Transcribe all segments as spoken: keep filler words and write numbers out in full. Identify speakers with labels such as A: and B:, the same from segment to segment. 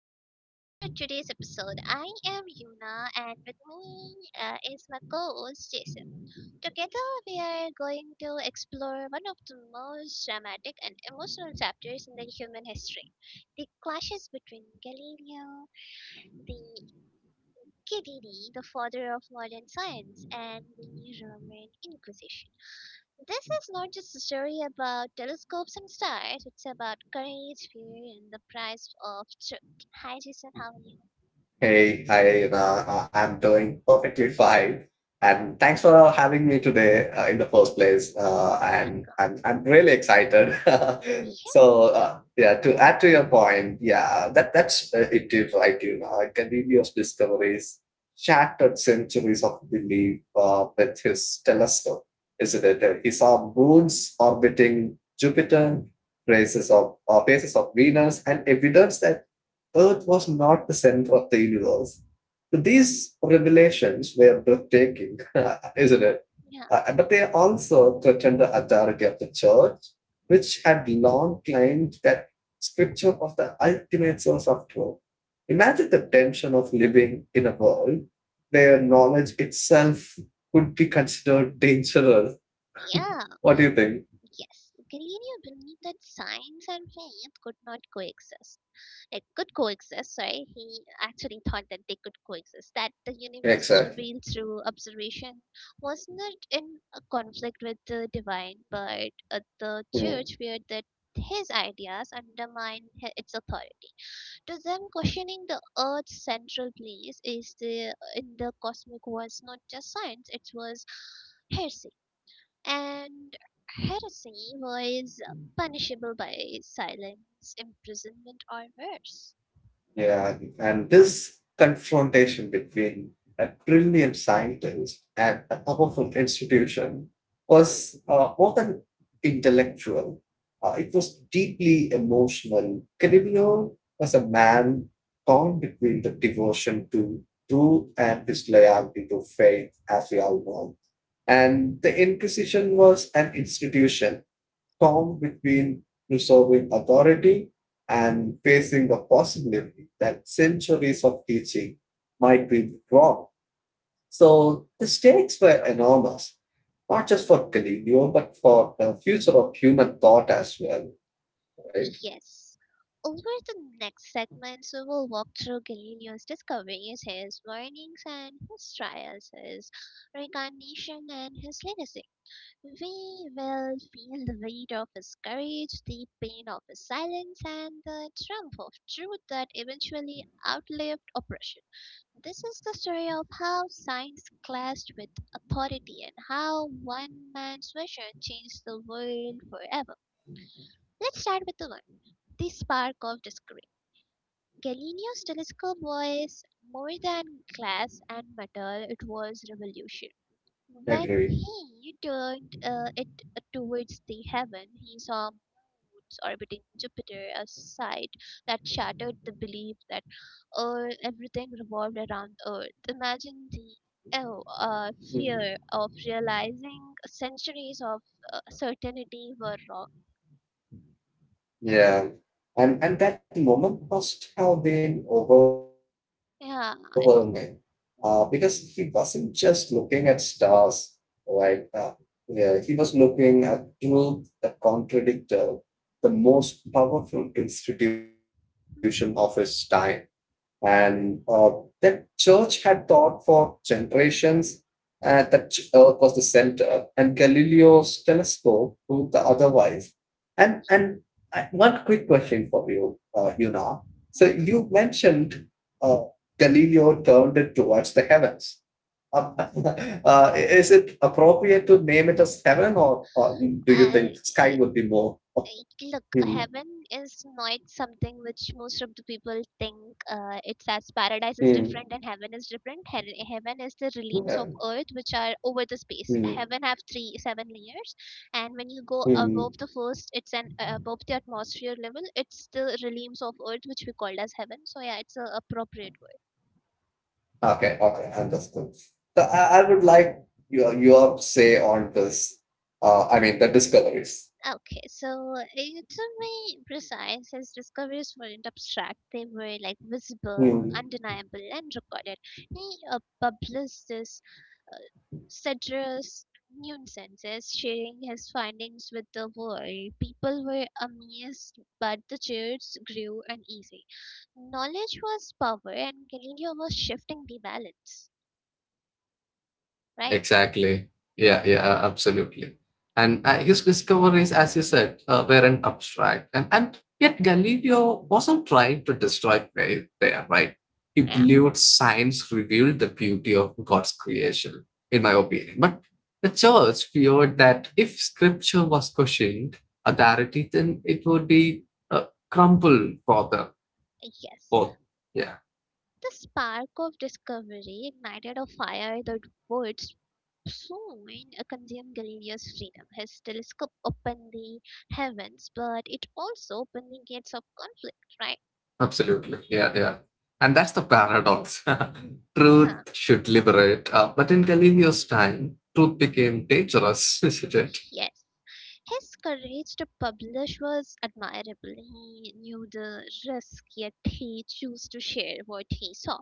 A: Uh, welcome to today's episode. I am Yuna, and with me uh, is my co-host Jason. Together we are going to explore one of the most dramatic and emotional chapters in the human history. The clashes between Galileo, the Kididi, the father of modern science, and the Roman Inquisition. This is not just a story about telescopes and stars, it's about courage, fear, and the price of truth. Hi, Jason, how are you?
B: Hey, hi, Rana. Uh, I'm doing perfectly fine. And thanks for having me today uh, in the first place. Uh,
A: Yeah, I'm
B: and
A: good.
B: I'm, I'm really excited.
A: Yeah,
B: so,
A: I do.
B: uh, yeah, to add to your point, yeah, that, that's uh, it is right, you know. Galileo's discoveries shattered centuries of belief uh, with his telescope, isn't it? Uh, He saw moons orbiting Jupiter, traces of, uh, phases of Venus, and evidence that Earth was not the center of the universe. But these revelations were breathtaking, isn't it?
A: Yeah,
B: Uh, but they also threatened the authority of the church, which had long claimed that scripture was the ultimate source of truth. Imagine the tension of living in a world where knowledge itself would be considered dangerous.
A: yeah,
B: What do you think?
A: yes. Galileo believed that science and faith could not coexist. Like, could coexist, sorry, he actually thought that they could coexist, that the universe
B: Exactly.
A: revealed through observation was not in a conflict with the divine, but uh, the
B: Hmm.
A: church feared that his ideas undermine hi- its authority. To them, questioning the earth's central place is the uh, in the cosmic was not just science, it was heresy, and heresy was punishable by silence, imprisonment, or worse.
B: Yeah, and this confrontation between a brilliant scientist and a powerful institution was uh, not an intellectual. Uh, it was deeply emotional. Canivio was a man torn between the devotion to truth and his loyalty to faith, as we all know. And the Inquisition was an institution calm between preserving authority and facing the possibility that centuries of teaching might be wrong. So the stakes were enormous, not just for Galileo, but for the future of human thought as well, right?
A: Yes. Over the next segments, we will walk through Galileo's discoveries, his warnings and his trials, his recognition and his legacy. We will feel the weight of his courage, the pain of his silence, and the triumph of truth that eventually outlived oppression. This is the story of how science clashed with authority and how one man's vision changed the world forever. Let's start with the one, the spark of discovery. Galileo's telescope was more than glass and metal, it was revolution. When
B: Agree.
A: he turned uh, it uh, towards the heaven, he saw moons orbiting Jupiter, a sight that shattered the belief that uh, everything revolved around Earth. Imagine the oh, uh,
B: Mm.
A: fear of realizing centuries of uh, certainty were wrong.
B: Yeah. And and that moment must have been overwhelming, uh,
A: Yeah,
B: because
A: it,
B: he wasn't just
A: mhm,
B: looking at stars, right? Uh, yeah, he was looking at truth, the contradictor, the most powerful institution of his time. And uh, that church had taught for generations uh, that Earth was the center, and Galileo's telescope proved the otherwise. And and I, One quick question for you, uh, Yuna. So you
A: mhm,
B: mentioned
A: mhm, mhm.
B: uh, Galileo turned it towards the heavens. Uh, uh,
A: mhm.
B: is it appropriate to name it as heaven, or, or do you think sky would be
A: I
B: more?
A: I-
B: Hmm,
A: look, heaven is not something which most of the people think uh, it's, as paradise is
B: hmm,
A: different and heaven is different. He- heaven is the realms
B: hmm,
A: of earth which are over the space.
B: hmm,
A: Heaven have three seven layers, and when you go
B: hmm.
A: above the first, it's an uh, above the atmosphere level. It's the realms of earth which we called as heaven. So yeah, it's a appropriate.
B: Okay, okay, understood. So I, I would like your your say on this. Uh, I mean the discoveries.
A: Okay, so eh, to be precise, his discoveries weren't abstract. They were like visible,
B: Hmm.
A: undeniable, and recorded. He uh, published this uh, sedulous nuisances, sharing his findings with the world. People were amazed, but the church grew uneasy. Knowledge was power, and Galileo was shifting the balance. Right?
B: Exactly. Yeah, yeah, uh, absolutely. And uh, his discoveries, as you said, uh, weren't abstract. And, and yet Galileo wasn't trying to destroy faith there, right? He
A: Yeah.
B: believed science revealed the beauty of God's creation, in my opinion. But the church feared that if scripture was questioned authority, then it would be uh, crumbled for the
A: Yes.
B: both. Yeah.
A: The spark of discovery ignited a fire that would Soon, uh, condemned Galileo's freedom. His telescope opened the heavens, but it also opened the gates of conflict, right?
B: Absolutely. Yeah, yeah. And that's the paradox.
A: Yeah,
B: Truth should liberate, uh, but in Galileo's time, truth became dangerous, isn't it?
A: yes. His courage to publish was admirable. He knew the risk, yet he chose to share what he saw.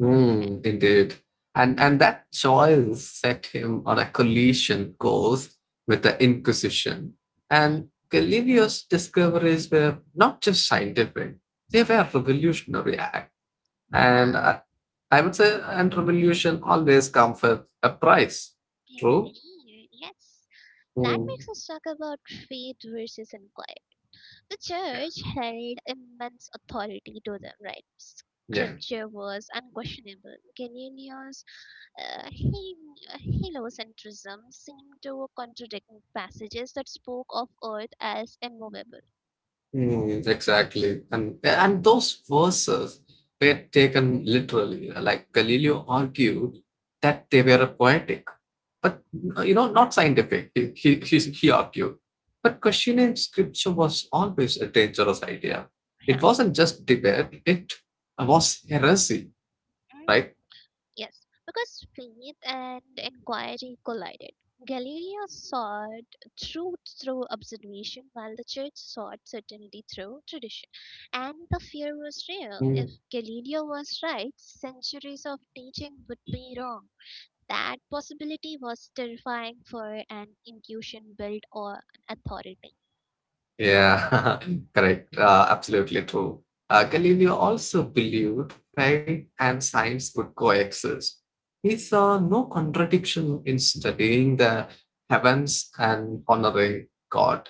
B: Hmm, indeed. And, and that choice set him on a collision course with the Inquisition. And Galileo's discoveries were not just scientific, they were revolutionary act.
A: Yeah,
B: And I, I would say, and revolution always comes with a price. True?
A: indeed, yes. That makes
B: Mm,
A: us talk about faith versus inquiry. The church held immense authority. To them, right,
B: yeah.
A: scripture was unquestionable. Galil's uh, hel- uh, heliocentrism seemed to contradict passages that spoke of earth as immovable.
B: Mm, exactly. And and those verses were taken literally. Like Galileo argued that they were poetic, but you know, not scientific. He he, he he argued. But questioning scripture was always a dangerous idea. It
A: Yeah.
B: wasn't just debate, it was heresy,
A: Mm.
B: right?
A: Yes, because faith and inquiry collided. Galileo sought truth through observation, while the church sought certainty through tradition. And the fear was real. If Galileo was right, centuries of teaching would be wrong. That possibility was terrifying for an intuition built on authority.
B: Yeah, correct. Uh, absolutely true. Uh, Galileo also believed faith and science could coexist. He saw no contradiction in studying the heavens and honoring God,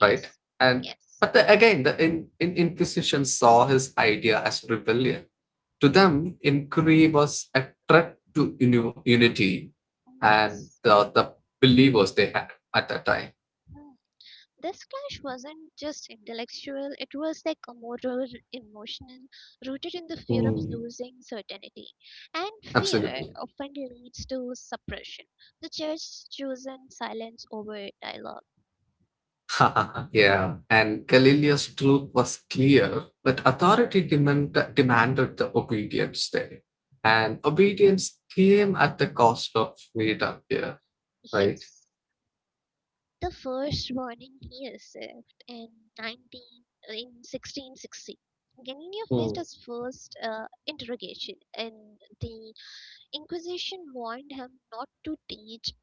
A: Yes,
B: right? And
A: yes,
B: but the, again, the in, in Inquisition saw his idea as rebellion. To them, inquiry was a threat to uni- unity and
A: yes.
B: the, the believers they had at that time.
A: This clash wasn't just intellectual, it was like a moral, emotional, rooted in the fear of
B: Mm,
A: losing certainty. And fear
B: absolutely.
A: often leads to suppression. The church chosen silence over dialogue.
B: Yeah, and Galileo's truth was clear, but authority demand, demanded the obedience there. And obedience came at the cost of freedom here, right?
A: Yes. The first warning he received in nineteen, in sixteen sixty. Galileo faced
B: Hmm.
A: his first uh, interrogation, and the Inquisition warned him not to teach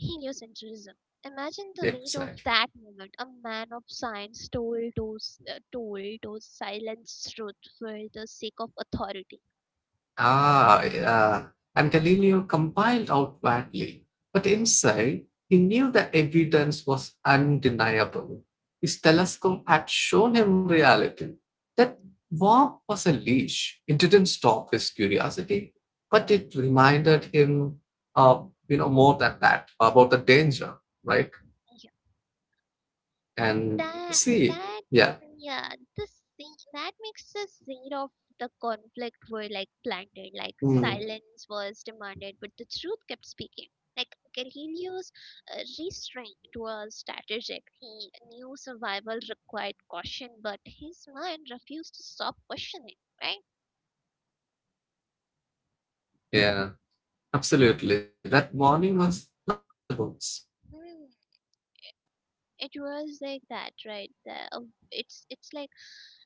A: heliocentrism. Imagine the weight of
B: Exactly.
A: that moment. A man of science told those, uh, told those silenced truth for the sake of authority.
B: Ah, yeah. And Galileo compiled outwardly, but inside he knew the evidence was undeniable. His telescope had shown him reality. That warp was a leash. It didn't stop his curiosity, but it reminded him of you know more than that about the danger, right? And
A: That
B: see,
A: that
B: yeah,
A: Yeah, the scene that makes the scene of the conflict were like planted, like
B: mm,
A: silence was demanded but the truth kept speaking. Like Galileo's uh, restraint was strategic. He knew survival required caution, but his mind refused to stop questioning. Right?
B: yeah, absolutely. That warning was not just about science, right?
A: Hmm. It was like that, right? The, uh, it's it's like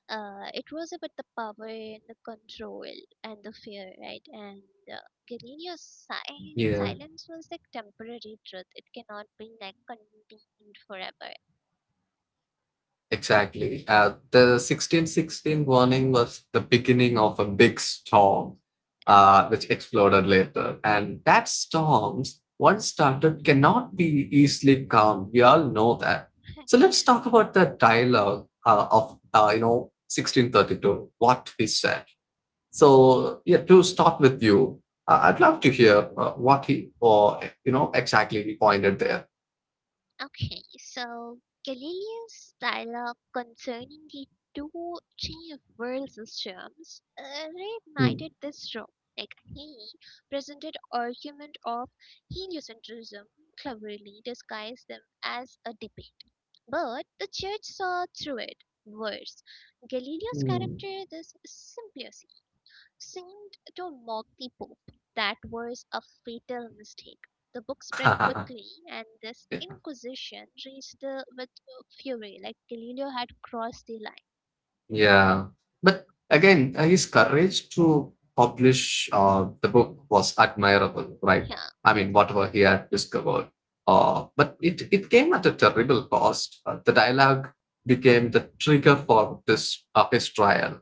A: Uh, it was about the power and the control and the fear, right? And uh, Galenia's si-
B: Yeah.
A: silence was like temporary truth. It cannot be like contained forever.
B: Exactly. Uh, the sixteen sixteen warning was the beginning of a big storm,
A: Uh,
B: uh, which exploded later. And that storms, once started, cannot be easily calmed. We all know that. So
A: yeah.
B: let's talk about the dialogue uh, of, uh, you know, sixteen thirty-two, what he said. So, yeah, to start with you, uh, I'd love to hear uh, what he, or, you know, exactly he pointed there.
A: Okay, so Galileo's dialogue concerning the two chief world systems uh, reignited
B: Hmm.
A: this trope. Like, he presented argument of heliocentrism, cleverly disguised them as a debate, but the church saw through it. Worse, Galileo's character this simplicity seemed to mock the Pope. That was a fatal mistake. The book spread
B: Hmm.
A: quickly, and this Inquisition raged uh, with fury, like Galileo had crossed the line.
B: Yeah, but again, uh, his courage to publish uh, the book was admirable, right?
A: Yeah,
B: I mean,
A: yes,
B: whatever he had discovered, uh, but it it came at a terrible cost. Uh, the dialogue became the trigger for this uh, his trial.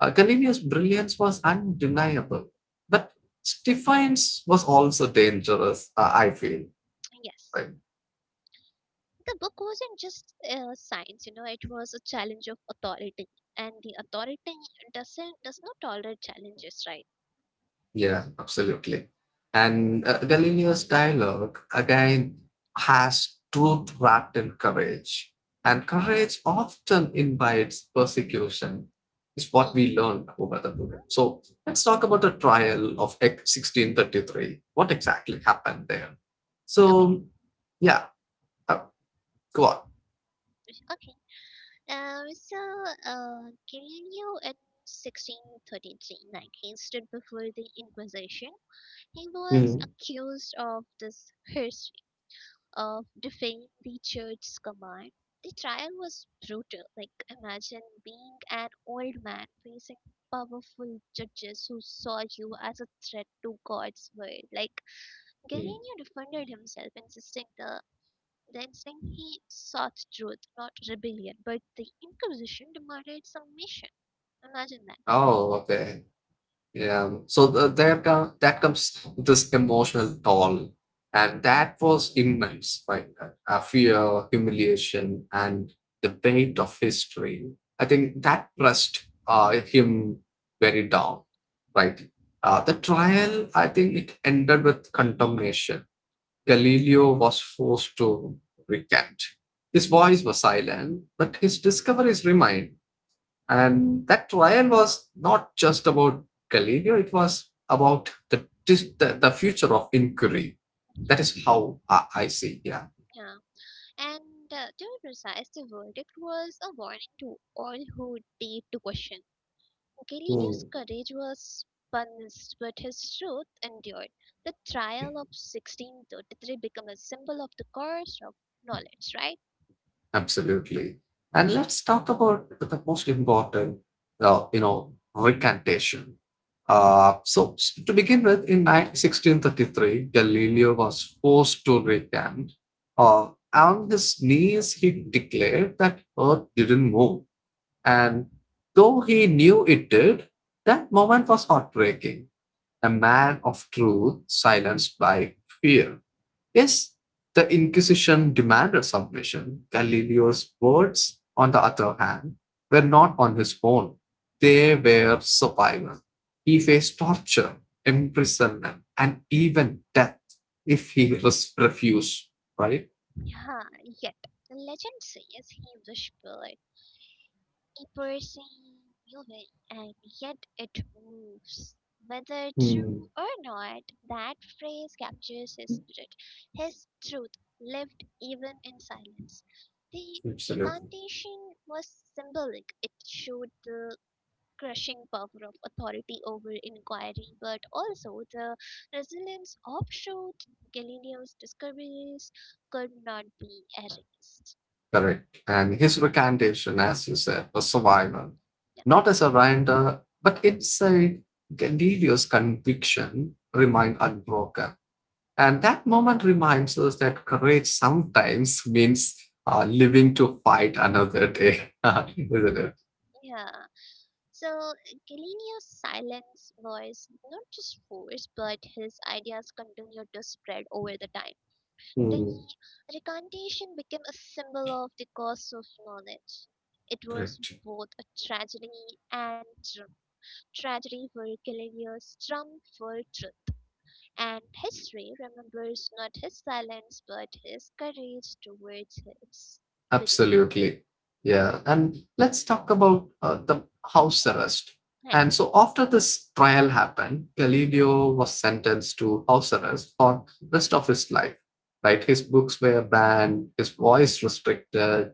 B: Uh, Galileo's brilliance was undeniable, but Stephane's was also dangerous. Uh, I feel.
A: yes.
B: Right?
A: The book wasn't just uh, science, you know, it was a challenge of authority, and the authority doesn't does not tolerate challenges, right?
B: Yeah, absolutely. And uh, Galileo's dialogue again has truth wrapped in courage. And courage often invites persecution, is what
A: E-
B: we
A: Yeah.
B: learned over the
A: Hmm.
B: period. So let's talk about the trial of Act sixteen thirty-three. What exactly happened there?
A: Okay,
B: So, yeah, uh, go on.
A: okay. Um, so, uh, Galileo at sixteen thirty-three, like, he stood before the Inquisition. He was
B: Mhm.
A: accused of this heresy of defying the church's command. The trial was brutal. Like, imagine being an old man facing powerful judges who saw you as a threat to God's word. Like,
B: Mhm.
A: Galileo defended himself, insisting the then, saying he sought truth, not rebellion, but the Inquisition demanded submission. Imagine that.
B: Oh, okay. Yeah, so the, there come, that comes this emotional toll,
A: Yeah,
B: and that was immense, like uh, uh, fear, humiliation, and the weight of history. I think that pressed uh, him very down, right? Uh, the trial, I think it ended with condemnation. Galileo was forced to recant. His voice was silent, but his discoveries remained. And that trial was not just about Galileo, it was about the, the, the future of inquiry. That is
A: yes.
B: how I, I see, yeah.
A: Yeah. And uh, to be precise, the verdict was a warning to all who dared to question. Galenius'
B: Mm,
A: courage was punished, but his truth endured. The trial of sixteen thirty-three became a symbol of the course of knowledge, right?
B: absolutely. And let's talk about the most important, uh, you know, recantation. Uh, so s- to begin with, in nine sixteen thirty-three, Galileo was forced to recant. Uh, on his knees, he declared that Earth didn't move. And though he knew it did, that moment was heartbreaking. A man of truth silenced by fear. Yes, the Inquisition demanded submission. Galileo's words, on the other hand, were not on his own. They were survival. He faced torture, imprisonment, and even death if he refused, right?
A: Yeah, yet the Legend says he whispered person moving and yet it moves. Whether
B: Mm,
A: true or not, that phrase captures his spirit, his truth lived even in silence. The
B: absolutely.
A: recantation was symbolic. It showed the crushing power of authority over inquiry, but also the resilience of truth. Galileo's discoveries could not be erased.
B: Correct. And his recantation, as you said, was survival, not as a render, but it's a Galileo's conviction remained unbroken. And that moment reminds us that courage sometimes means uh, living to fight another day, isn't it?
A: Yeah. So Galileo's silence was not just force, but his ideas continued to spread over the time. The
B: Mm,
A: recantation became a symbol of the cost of knowledge. It was
B: correct.
A: both a tragedy and tr- tragedy for Galileo's triumph for truth. And history remembers not his silence, but his courage towards his belief.
B: Absolutely. Yeah. And let's talk about uh, the house arrest.
A: Yeah,
B: And so after this trial happened, Galileo was sentenced to house arrest for rest of his life. Right? His books were banned, his voice restricted,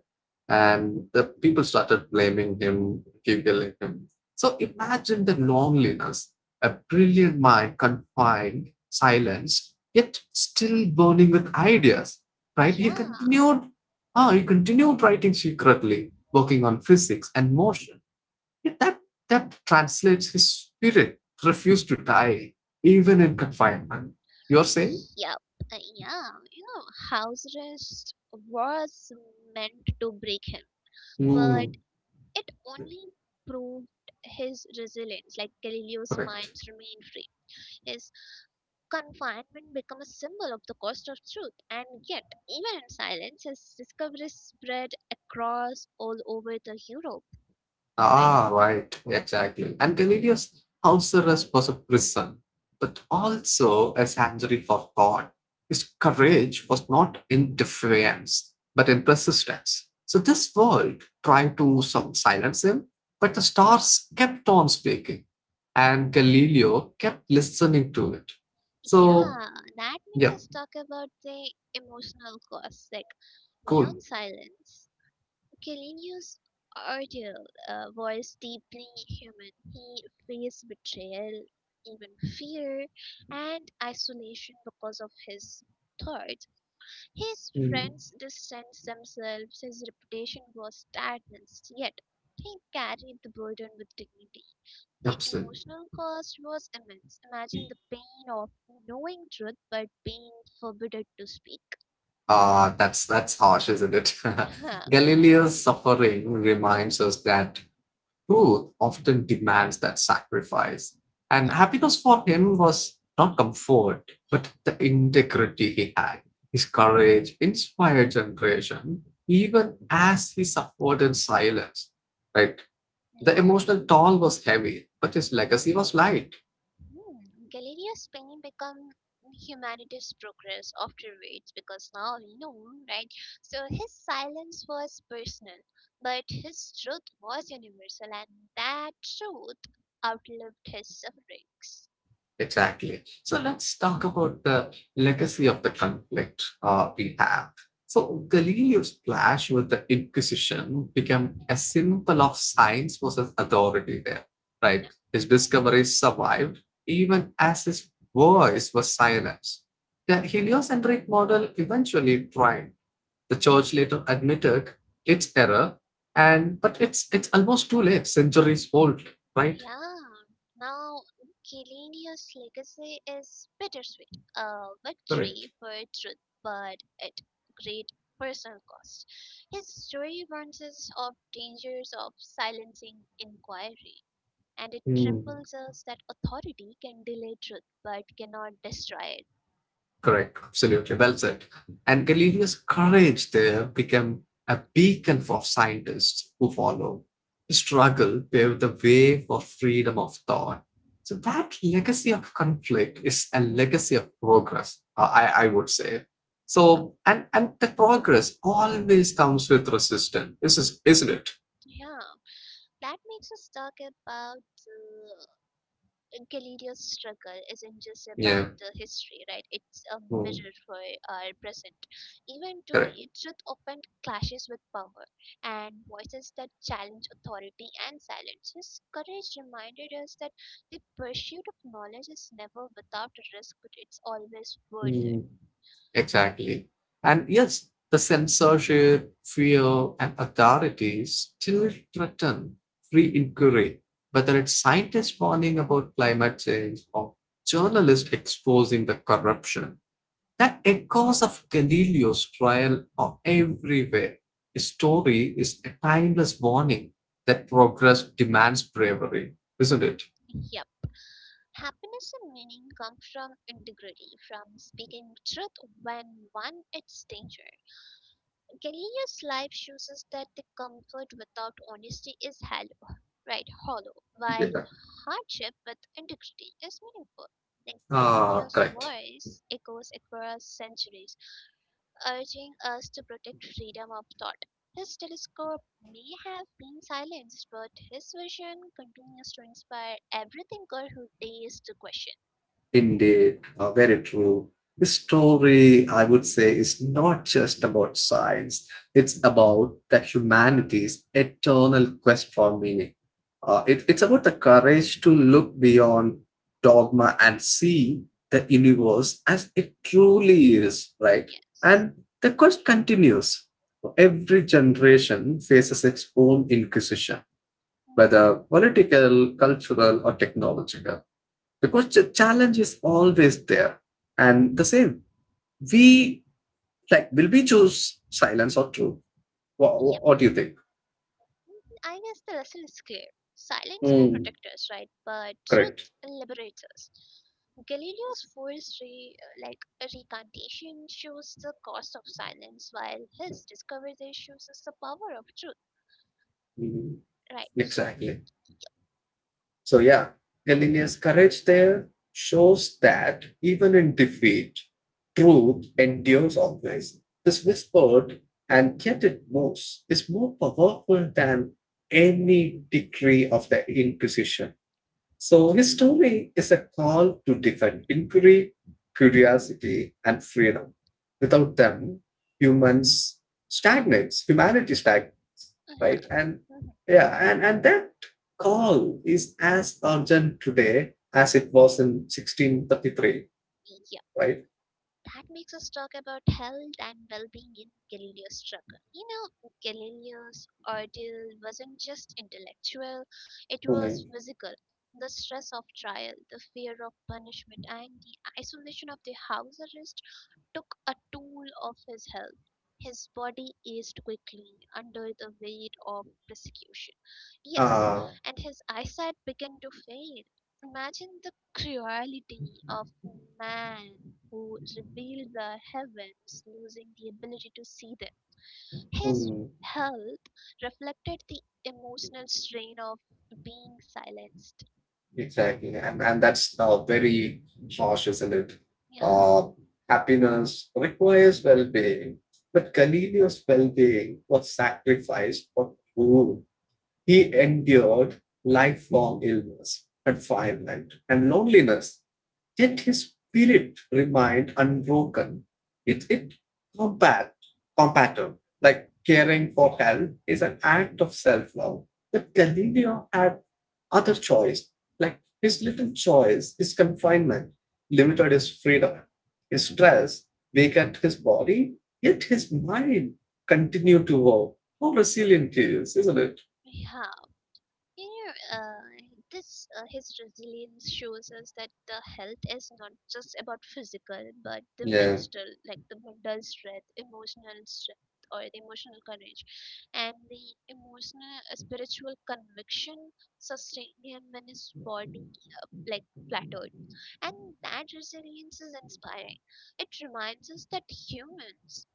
B: and the people started blaming him, giggling him. So imagine the loneliness, a brilliant mind confined, silenced, yet still burning with ideas. Right? He
A: yeah.
B: continued. Ah, he continued writing secretly, working on physics and motion. Yet that that translates his spirit refused to die even in confinement. You're saying?
A: Yep, uh, yeah, you know, house arrest was meant to break him, but
B: Hmm,
A: it only proved his resilience. Like, Galileo's
B: correct.
A: minds remained free. His confinement became a symbol of the cost of truth, and yet, even in silence, his discoveries spread across all over the Europe, right?
B: Ah, right, exactly. And Galileo's house arrest was a prison, but also a sanctuary for thought. His courage was not in defiance, but in persistence. So this world tried to some silence him, but the stars kept on speaking, and Galileo kept listening to it. So
A: Yeah, that makes
B: yeah,
A: us talk about the emotional cost, like
B: cool.
A: beyond silence. Kelenius Ardell uh, was deeply human. He faced betrayal, even fear, and isolation because of his thoughts. His
B: Mm,
A: friends distanced themselves, his reputation was stagnant, yet he carried the burden with dignity. The
B: absolutely.
A: emotional cost was immense. Imagine the pain of knowing truth but being forbidden to speak.
B: Uh, that's that's harsh, isn't it?
A: yeah.
B: Galileo's suffering reminds us that truth often demands that sacrifice. And happiness for him was not comfort, but the integrity he had. His courage inspired generation, even as he suffered in silence. Right? The emotional toll was heavy, but his legacy was light.
A: Hmm. Galeria's pain become humanity's progress after afterwards because now we know, right? So his silence was personal, but his truth was universal, and that truth outlived his sufferings.
B: Exactly. So let's talk about the legacy of the conflict uh, we have. So Galileo's clash with the Inquisition became a
A: Mhm.
B: symbol of science versus authority there,
A: Yeah.
B: right? His discoveries survived even as his voice was silenced. The heliocentric model eventually triumphed. The church later admitted its error, and but it's it's almost too late. Centuries old, right?
A: Yeah. Now, Chiellini's legacy is bittersweet, a
B: Correct.
A: victory for truth, but at great personal cost. His story warns us of dangers of silencing inquiry, and it
B: Hmm.
A: trembles us that authority can delay truth but cannot destroy it.
B: Correct. Absolutely. Well said. And Galileo's courage there became a beacon for scientists who follow. His struggle paved the way for freedom of thought. So that legacy of conflict is a legacy of progress, uh, I, I would say. So and and the progress always comes with resistance, is- is- isn't it?
A: Yeah, that makes us talk about uh, Galileo's struggle isn't just about
B: Yeah.
A: the history, right? It's a
B: Mm,
A: mirror for our present. Even
B: correct.
A: today, truth often clashes with power and voices that challenge authority and silence. His courage reminded us that the pursuit of knowledge is never without a risk, but it's always worth it.
B: Mm. Exactly. And yes, the censorship, fear, and authority still threaten free inquiry, whether it's scientists warning about climate change or journalists exposing the corruption. That echoes of Galileo's trial are everywhere. His story is a timeless warning that progress demands bravery, isn't it?
A: Yep. Happiness and meaning come from integrity, from speaking truth when one it's danger. Gallieno's life shows us that the comfort without honesty is hollow, right? Hollow, while
B: Yeah.
A: hardship with integrity is meaningful. Then
B: Ah,
A: Gallieno's
B: correct.
A: voice echoes across centuries, urging us to protect freedom of thought. His telescope may have been silenced, but his vision continues to inspire every thinker who dares to question.
B: Indeed, uh, very true. The story, I would say, is not just about science, it's about the humanity's eternal quest for meaning. Uh, it- it's about the courage to look beyond dogma and see the universe as it truly is, right? And
A: Yes.
B: the quest continues. Every generation faces its own inquisition, whether
A: Mhm.
B: political, cultural, or technological, because the challenge is always there and the same we like will we choose silence or truth? What, what, what do you think?
A: I guess the lesson is clear. Silence may
B: Mm.
A: protect us, right? But truth
B: Correct.
A: liberates us. Galileo's forced re, uh, like recantation shows the cost of silence, while his discovery shows us the power of truth,
B: Mm,
A: right? So,
B: exactly. So yeah, Galileo's courage there shows that even in defeat truth endures always. This whispered and yet it moves is more powerful than any decree of the Inquisition. So his story is a call to defend inquiry, curiosity, and freedom. Without them, humans stagnates, humanity stagnates, right?
A: uh-huh.
B: And
A: Mhm.
B: yeah, and, and that call is as urgent today as it was in sixteen thirty-three,
A: Yeah.
B: right?
A: That makes us talk about health and well-being in Galileo's struggle. You know, Galileo's ordeal wasn't just intellectual, it was
B: Mm.
A: physical. The stress of trial, the fear of punishment, and the isolation of the house arrest took a toll of his health. His body aged quickly under the weight of persecution. Yes,
B: Uh,
A: and his eyesight began to fade. Imagine the cruelty of man who revealed the heavens, losing the ability to see them. His
B: mm.
A: health reflected the emotional strain of being silenced.
B: Exactly, and and that's uh, very harsh, isn't it?
A: Yeah,
B: Uh, Happiness requires well-being, but Galileo's well-being was sacrificed for food. He endured lifelong illness, confinement, and loneliness. Yet his spirit remained unbroken. It it combat compatible. Like caring for hell is an act of self-love. But Galileo had other choice. Like his little choice, his confinement, limited his freedom, his
A: mm,
B: stress, weakened his body, yet his mind continued to work. How resilient he is, isn't it?
A: yeah. You know, uh, this uh, his resilience shows us that the health is not just about physical, but the
B: Yeah.
A: mental, like the mental strength, emotional strength, or the emotional courage, and the emotional uh, spiritual conviction sustain him when his body uh, like plateaued. And that resilience is inspiring. It reminds us that humans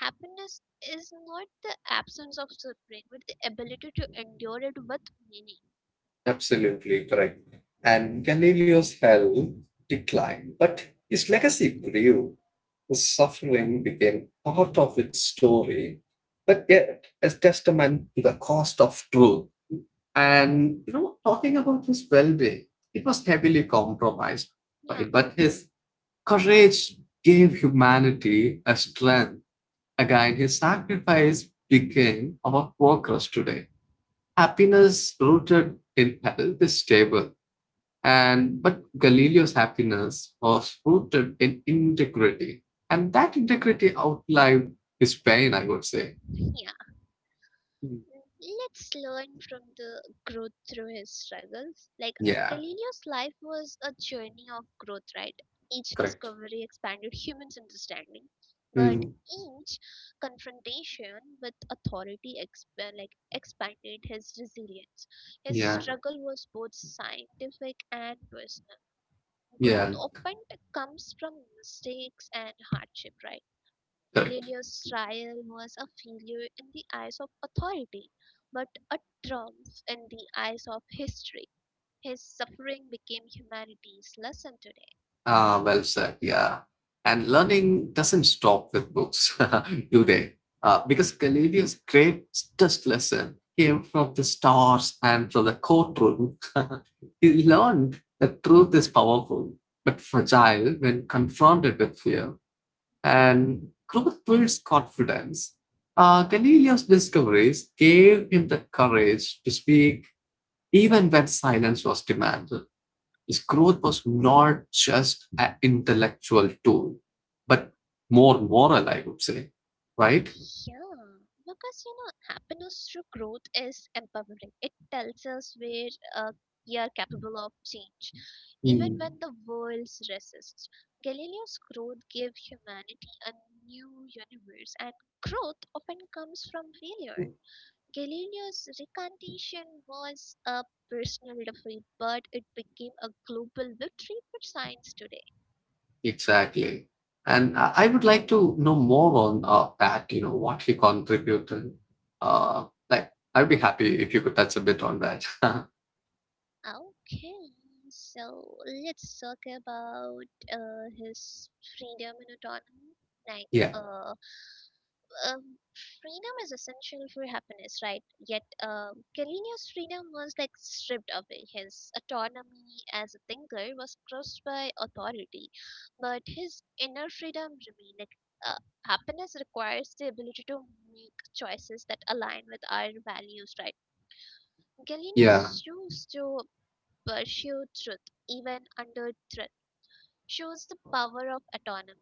A: happiness is not the absence of suffering, but the ability to endure it with meaning.
B: Absolutely correct. And Galileo's health declined, but his legacy grew. His suffering became part of its story, but yet a testament to the cost of truth. And you know, talking about his well-being, it was heavily compromised,
A: Yeah,
B: right? But his courage gave humanity a strength. Again, his sacrifice became our workers today. Happiness rooted in health is stable and but Galileo's happiness was rooted in integrity, and that integrity outlived his pain. I would say,
A: yeah.
B: mm,
A: Let's learn from the growth through his struggles. Like uh,
B: yeah,
A: Galileo's life was a journey of growth, right? Each
B: correct.
A: discovery expanded humans' understanding, but
B: Mm,
A: each confrontation with authority exp- like expanded his resilience. His
B: yeah,
A: struggle was both scientific and personal. Growth
B: yeah,
A: often comes from mistakes and hardship, right?
B: correct.
A: Galileo's trial was a failure in the eyes of authority, but a triumph in the eyes of history. His suffering became humanity's lesson today.
B: Ah, well said. Yeah. And learning doesn't stop with books, do they? Uh, because Galileo's greatest lesson came from the stars and from the courtroom. He learned that truth is powerful, but fragile when confronted with fear. And growth builds confidence. Uh, Galileo's discoveries gave him the courage to speak even when silence was demanded his growth was not just an intellectual tool, but more moral, I would say, right?
A: Yeah, because you know, happiness through growth is empowering. It tells us where uh, we are capable of change, even
B: Mm.
A: when the world resists. Galileo's growth gave humanity a new universe, and growth often comes from failure. Galileo's recantation was a personal defeat, but it became a global victory for science today.
B: Exactly. And I I would like to know more on uh, that, you know, what he contributed. Uh, like, I'd be happy if you could touch a bit on that.
A: Okay, so let's talk about uh, his freedom and autonomy. Like,
B: Yeah.
A: uh, um, Freedom is essential for happiness, right? Yet, um, Kalini's freedom was like stripped away. His autonomy as a thinker was crushed by authority, but his inner freedom remained. Like, uh, Happiness requires the ability to make choices that align with our values, right?
B: Yeah.
A: Galenius chose to pursue truth even under threat. Shows the power of autonomy.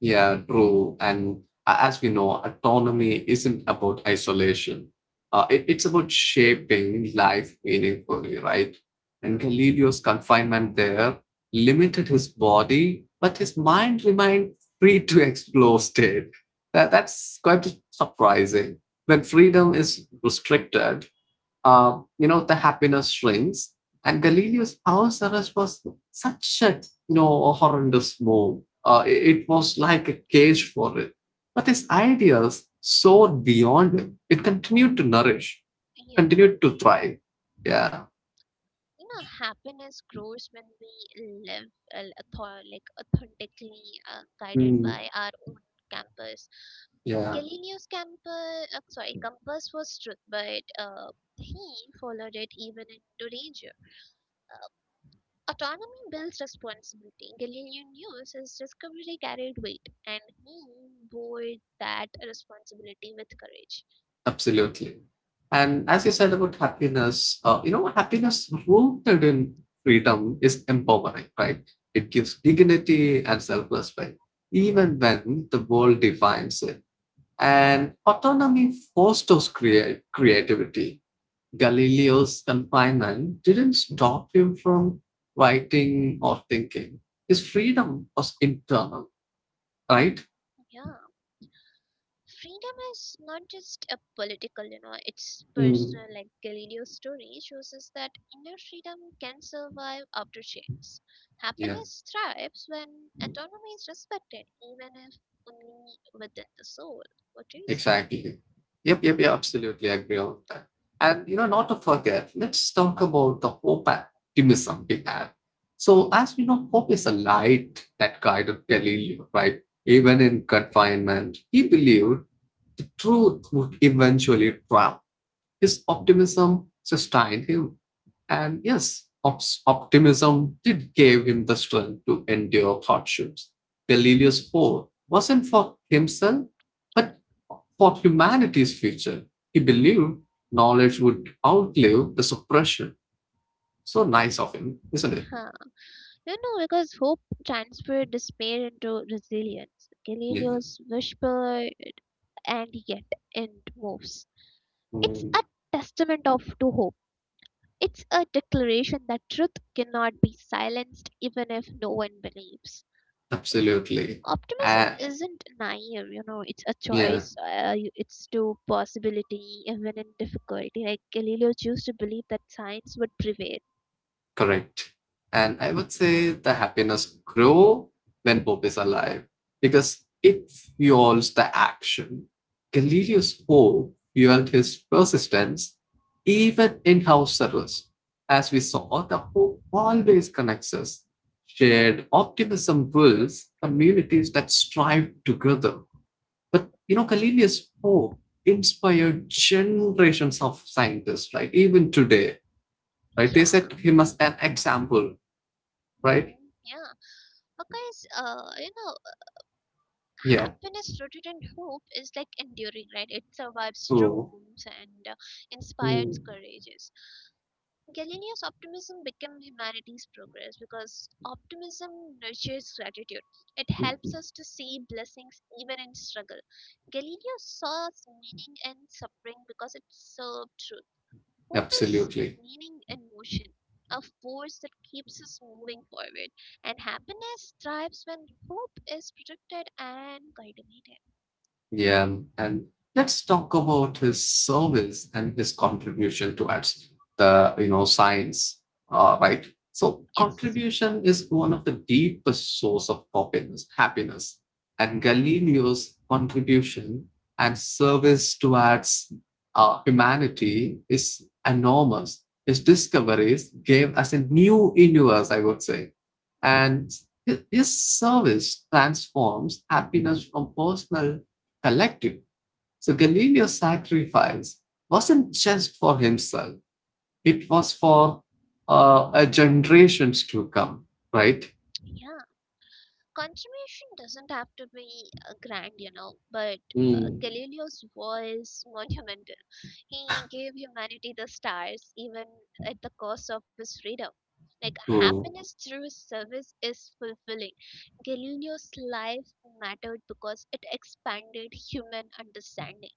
B: Yeah, true. And a- as we know, autonomy isn't about isolation. Uh, it, it's about shaping life meaningfully, right? And Galileo's confinement there limited his body, but his mind remained free to explore state. That, that's quite surprising. When freedom is restricted, uh, you know, the happiness shrinks. And Galileo's Ourselves was such a, you know, a horrendous move. Uh, it it was like a cage for it. But his ideas soared beyond it. It continued to nourish,
A: Yeah.
B: continued to thrive.
A: Hmm.
B: Yeah.
A: you know happiness grows when we live uh, author- like authentically uh, guided
B: Mm,
A: by our own campus.
B: yeah.
A: Galileo's campus, uh, sorry, compass was truth, but uh, he followed it even into danger. uh, Autonomy builds responsibility. Galileo knew his discovery carried weight, and he bore that responsibility with courage.
B: Absolutely. And as you said about happiness, uh, you know, happiness rooted in freedom is empowering, right? It gives dignity and self respect, even when the world defines it. And autonomy fosters create creativity. Galileo's confinement didn't stop him from writing or thinking. His freedom was internal, right?
A: Yeah, freedom is not just a political, you know, it's
B: Mm,
A: personal. Like Galileo's story shows us that inner freedom can survive after chains.
B: yeah.
A: Happiness thrives when autonomy is respected, even if only within the soul. What do you say?
B: Exactly. Yep, yep, yep, absolutely agree on that. And you know, not to forget, let's talk about the hope and optimism we had. So, as we know, hope is a light that guided Galileo, right? Even in confinement, he believed the truth would eventually triumph. His optimism sustained him. And yes, ops- optimism did give him the strength to endure hardships. Galileo's hope wasn't for himself, but for humanity's future. He believed knowledge would outlive the suppression. So nice of him, isn't it?
A: Huh. You know, because hope transferred despair into resilience.
B: Yeah,
A: Galileo's whisper, and yet, and moves. It's
B: mm,
A: a testament of to hope. It's a declaration that truth cannot be silenced even if no one believes.
B: absolutely.
A: Optimism
B: Uh,
A: isn't naive, you know, it's a
B: yeah,
A: choice, uh, you- it's to possibility even in difficulty. Like Galileo chose to believe that science would prevail.
B: correct. And I would say the happiness grow when Bob is alive because it fuels the action. Galileo's hope fueled his persistence even in house service. As we saw, the hope always connects us. Shared optimism builds communities that strive together. But you know, Galileo's hope inspired generations of scientists, right? Even today, right?
A: Yeah.
B: They set him as an example right?
A: Hmm. Yeah. Because, uh, you know,
B: Yeah,
A: happiness rooted in hope is like enduring, right? It survives
B: true.
A: storms and uh, inspires
B: Mm,
A: courage. Galileo's optimism became humanity's progress, because optimism nurtures gratitude. It
B: mm,
A: helps us to see blessings even in struggle. Galileo saw meaning in suffering because it served truth. Hope is
B: absolutely.
A: meaning in motion, a force that keeps us moving forward. And happiness thrives when hope is protected and cultivated.
B: Yeah. And let's talk about his service and his contribution towards the,
A: Mhm.
B: you know, science, uh, right? So
A: Yes.
B: contribution is one of the deepest source of happiness, happiness. And Galileo's contribution and service towards uh, humanity is enormous. His discoveries gave us a new universe, I would say. And th- this service transforms happiness from personal to collective. So Galileo's sacrifice wasn't just for himself, it was for uh, a generations to come, right?
A: Yeah. Consummation doesn't have to be uh, grand, you know, but uh,
B: Mm.
A: Galileo's was monumental. He gave humanity the stars even at the cost of his freedom. Like,
B: To
A: happiness through his service is fulfilling. Galileo's life mattered because it expanded human understanding.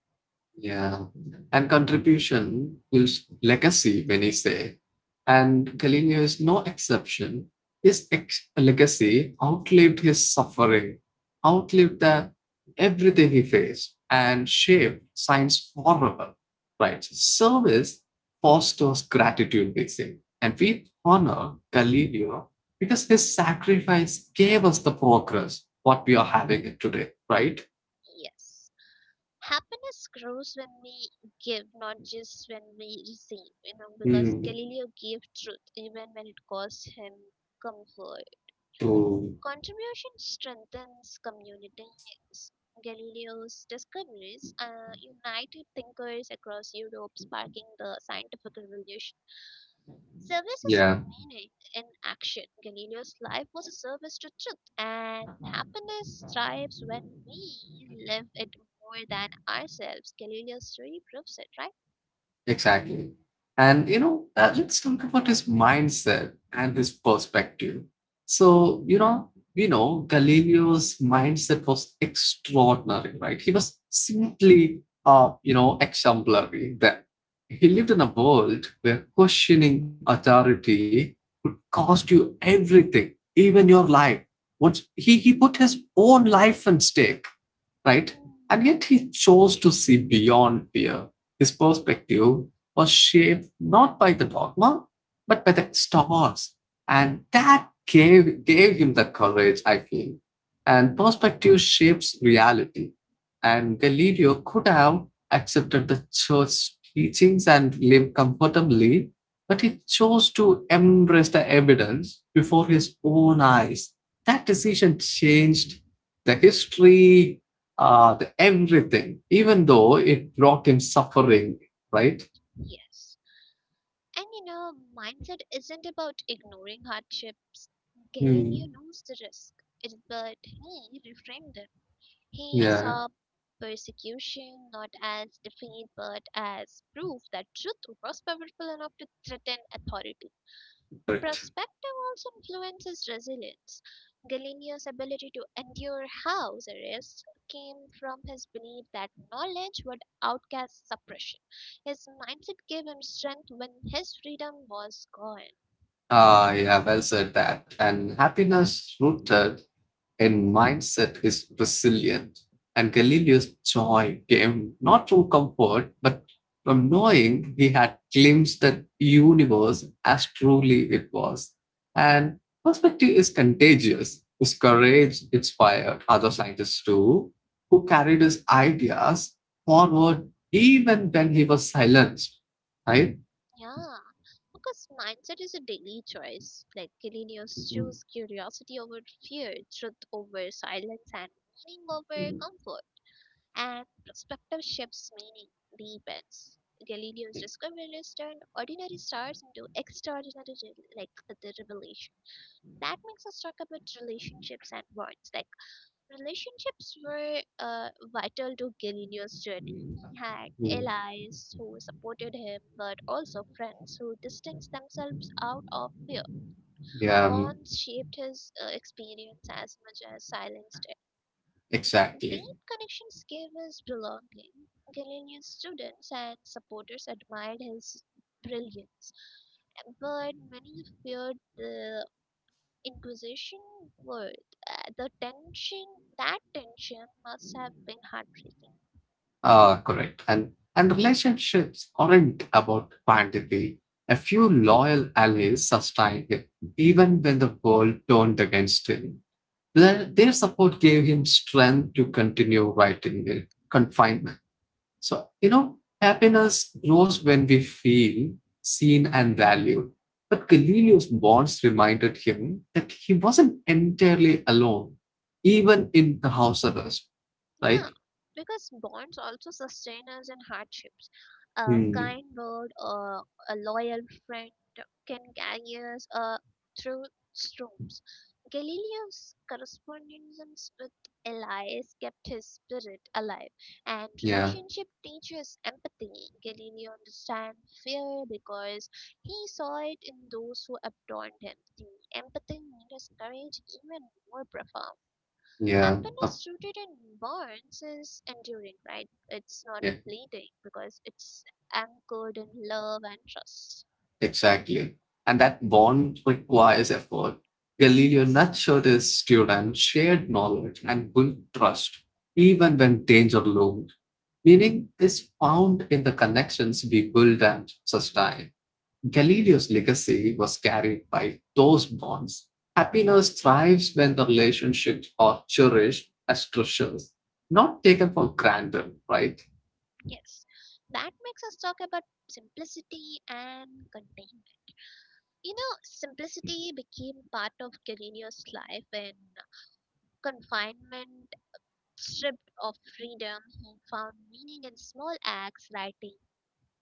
B: yeah, and contribution builds legacy, when you say, and Galileo is no exception. His ex- legacy outlived his suffering, outlived the, everything he faced, and shaped science forever. Right? Service fosters gratitude, they say, and we honor Galileo because his sacrifice gave us the progress what we are having it today. Right?
A: Yes. Happiness grows when we give, not just when we receive, you know, because
B: Mm,
A: Galileo gave truth even when it caused him comfort.
B: true.
A: Contribution strengthens communities. Galileo's discoveries uh, united thinkers across Europe, sparking the scientific revolution. Service is a
B: Yeah.
A: meaning in action. Galileo's life was a service to truth, and happiness thrives when we live it more than ourselves. Galileo's story proves it, right?
B: Exactly. And, you know, uh, let's talk about his mindset and his perspective. So, you know, we know Galileo's mindset was extraordinary, right? He was simply, uh, you know, exemplary that he lived in a world where questioning authority could cost you everything, even your life. What he, he put his own life on stake, right? And yet he chose to see beyond fear his perspective was shaped not by the dogma, but by the Star Wars. And that gave, gave him the courage, I feel. And perspective shapes reality. And Galileo could have accepted the church teachings and lived comfortably, but he chose to embrace the evidence before his own eyes. That decision changed the history, uh, the everything, even though it brought him suffering, right?
A: Yes. And you know, mindset isn't about ignoring hardships. Galileo
B: Hmm.
A: knows the risk, it, but he reframed them. He
B: Yeah,
A: saw persecution not as defeat but as proof that truth was powerful enough to threaten authority.
B: correct.
A: Perspective also influences resilience. Galileo's ability to endure house arrest came from his belief that knowledge would outcast suppression. His mindset gave him strength when his freedom was gone.
B: Ah, yeah, well said that. And happiness rooted in mindset is resilient. And Galileo's joy came not from comfort, but from knowing he had glimpsed the universe as truly it was. And perspective is contagious. His courage inspired other scientists too, who carried his ideas forward even when he was silenced, right?
A: Yeah, because mindset is a daily choice. Like Galileo's choose curiosity over fear, truth over silence, and meaning over comfort. And perspective shifts, meaning deepens. Galileo's discoveries turned ordinary stars into extraordinary re- like the revelation. That makes us talk about relationships and bonds. Like relationships were uh, vital to Galileo's journey. He had
B: Mm.
A: allies who supported him, but also friends who distanced themselves out of fear.
B: Yeah, mm,
A: Bonds shaped his uh, experience as much as silence did. Deep
B: exactly.
A: connections gave us belonging. Galileo's students and supporters admired his brilliance, but many feared the Inquisition word. Uh, the tension, that tension must have been heartbreaking.
B: Uh, correct. And and relationships aren't about quantity. A few loyal allies sustained him, even when the world turned against him. Their, their support gave him strength to continue writing in confinement. So, you know, happiness grows when we feel seen and valued. But Galileo's bonds reminded him that he wasn't entirely alone even in the house arrest,
A: Yeah,
B: right?
A: because bonds also sustain us in hardships. A
B: Mm.
A: kind word or a loyal friend can carry us uh, through storms. Galileo's correspondence with Elias kept his spirit alive, and
B: Yeah,
A: relationship teaches empathy. Galileo understands fear because he saw it in those who adorned him. The empathy made his courage even more profound.
B: yeah, uh,
A: Happiness rooted in bonds is enduring, right? It's not
B: yeah,
A: fleeting because it's anchored in love and trust.
B: exactly. And that bond requires effort. Galileo nurtured his students shared knowledge and built trust, even when danger loomed. Meaning is found in the connections we build and sustain. Galileo's legacy was carried by those bonds. Happiness thrives when the relationships are cherished as treasures, not taken for granted, right?
A: Yes, that makes us talk about simplicity and containment. You know, simplicity became part of Carino's life in confinement, stripped of freedom. He found meaning in small acts: writing,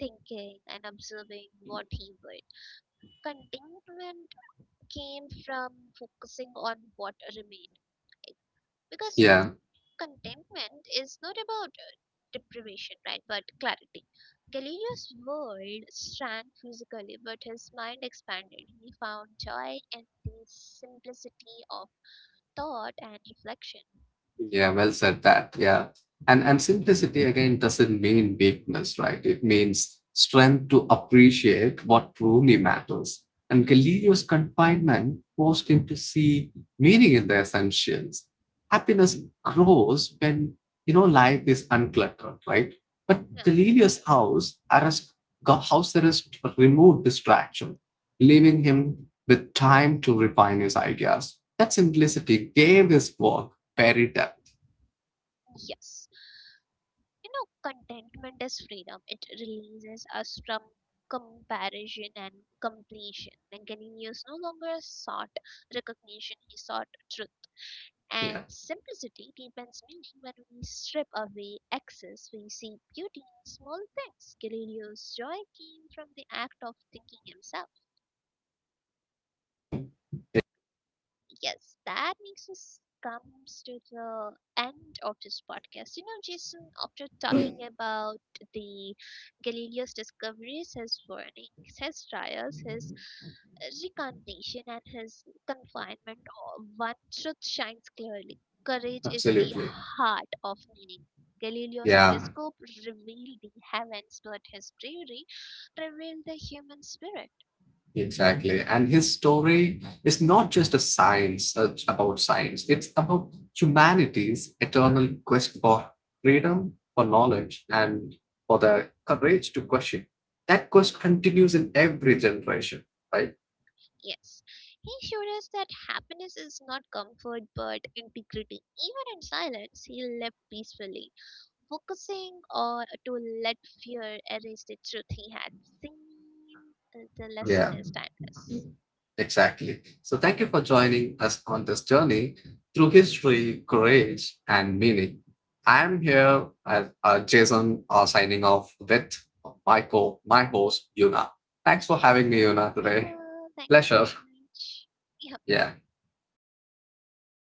A: thinking, and observing what he would. Contentment came from focusing on what remained, because
B: Yeah.
A: contentment is not about uh, deprivation, right, but clarity. Galileo's world shrank physically, but his mind expanded. He found joy in the simplicity of thought and reflection.
B: Yeah, well said that. Yeah. And and simplicity again doesn't mean weakness, right? It means strength to appreciate what truly matters. And Galileo's confinement forced him to see meaning in the essentials. Happiness grows when you know life is uncluttered, right? But
A: Now
B: Galileo's house arrest go- house arrest removed distraction, leaving him with time to refine his ideas. That simplicity gave his work Perry depth.
A: yes, you know, contentment is freedom. It releases us from comparison and completion, and Galileo no longer sought recognition, he sought truth. And
B: Yeah,
A: simplicity deepens meaning. When we strip away excess, we see beauty in small things. Galileo's joy came from the act of thinking himself. Yes, that makes us comes to the end of this podcast. You know, Jason, after talking about the Galileo's discoveries, his warnings, his trials, his recantation, and his confinement, uh, one truth shines clearly: courage is the
B: absolutely.
A: heart of meaning. Galileo's
B: Yeah,
A: telescope revealed the heavens, but his bravery revealed the human spirit.
B: exactly. And his story is not just a science uh, about science, it's about humanity's eternal quest for freedom, for knowledge, and for the courage to question. That quest continues in every generation, right?
A: Yes, he showed us that happiness is not comfort but integrity. Even in silence, he left peacefully, focusing or to let fear erase the truth he had seen. Uh, The lesson
B: Yeah.
A: is timeless.
B: Exactly. So thank you for joining us on this journey through history, courage, and meaning. I'm here as uh, Jason uh, signing off with my co, my host, Yuna. Thanks for having me,
A: Yes.
B: Yuna,
A: See
B: today.
A: you. Thank you so
B: Pleasure.
A: much. Yeah.
B: Yeah.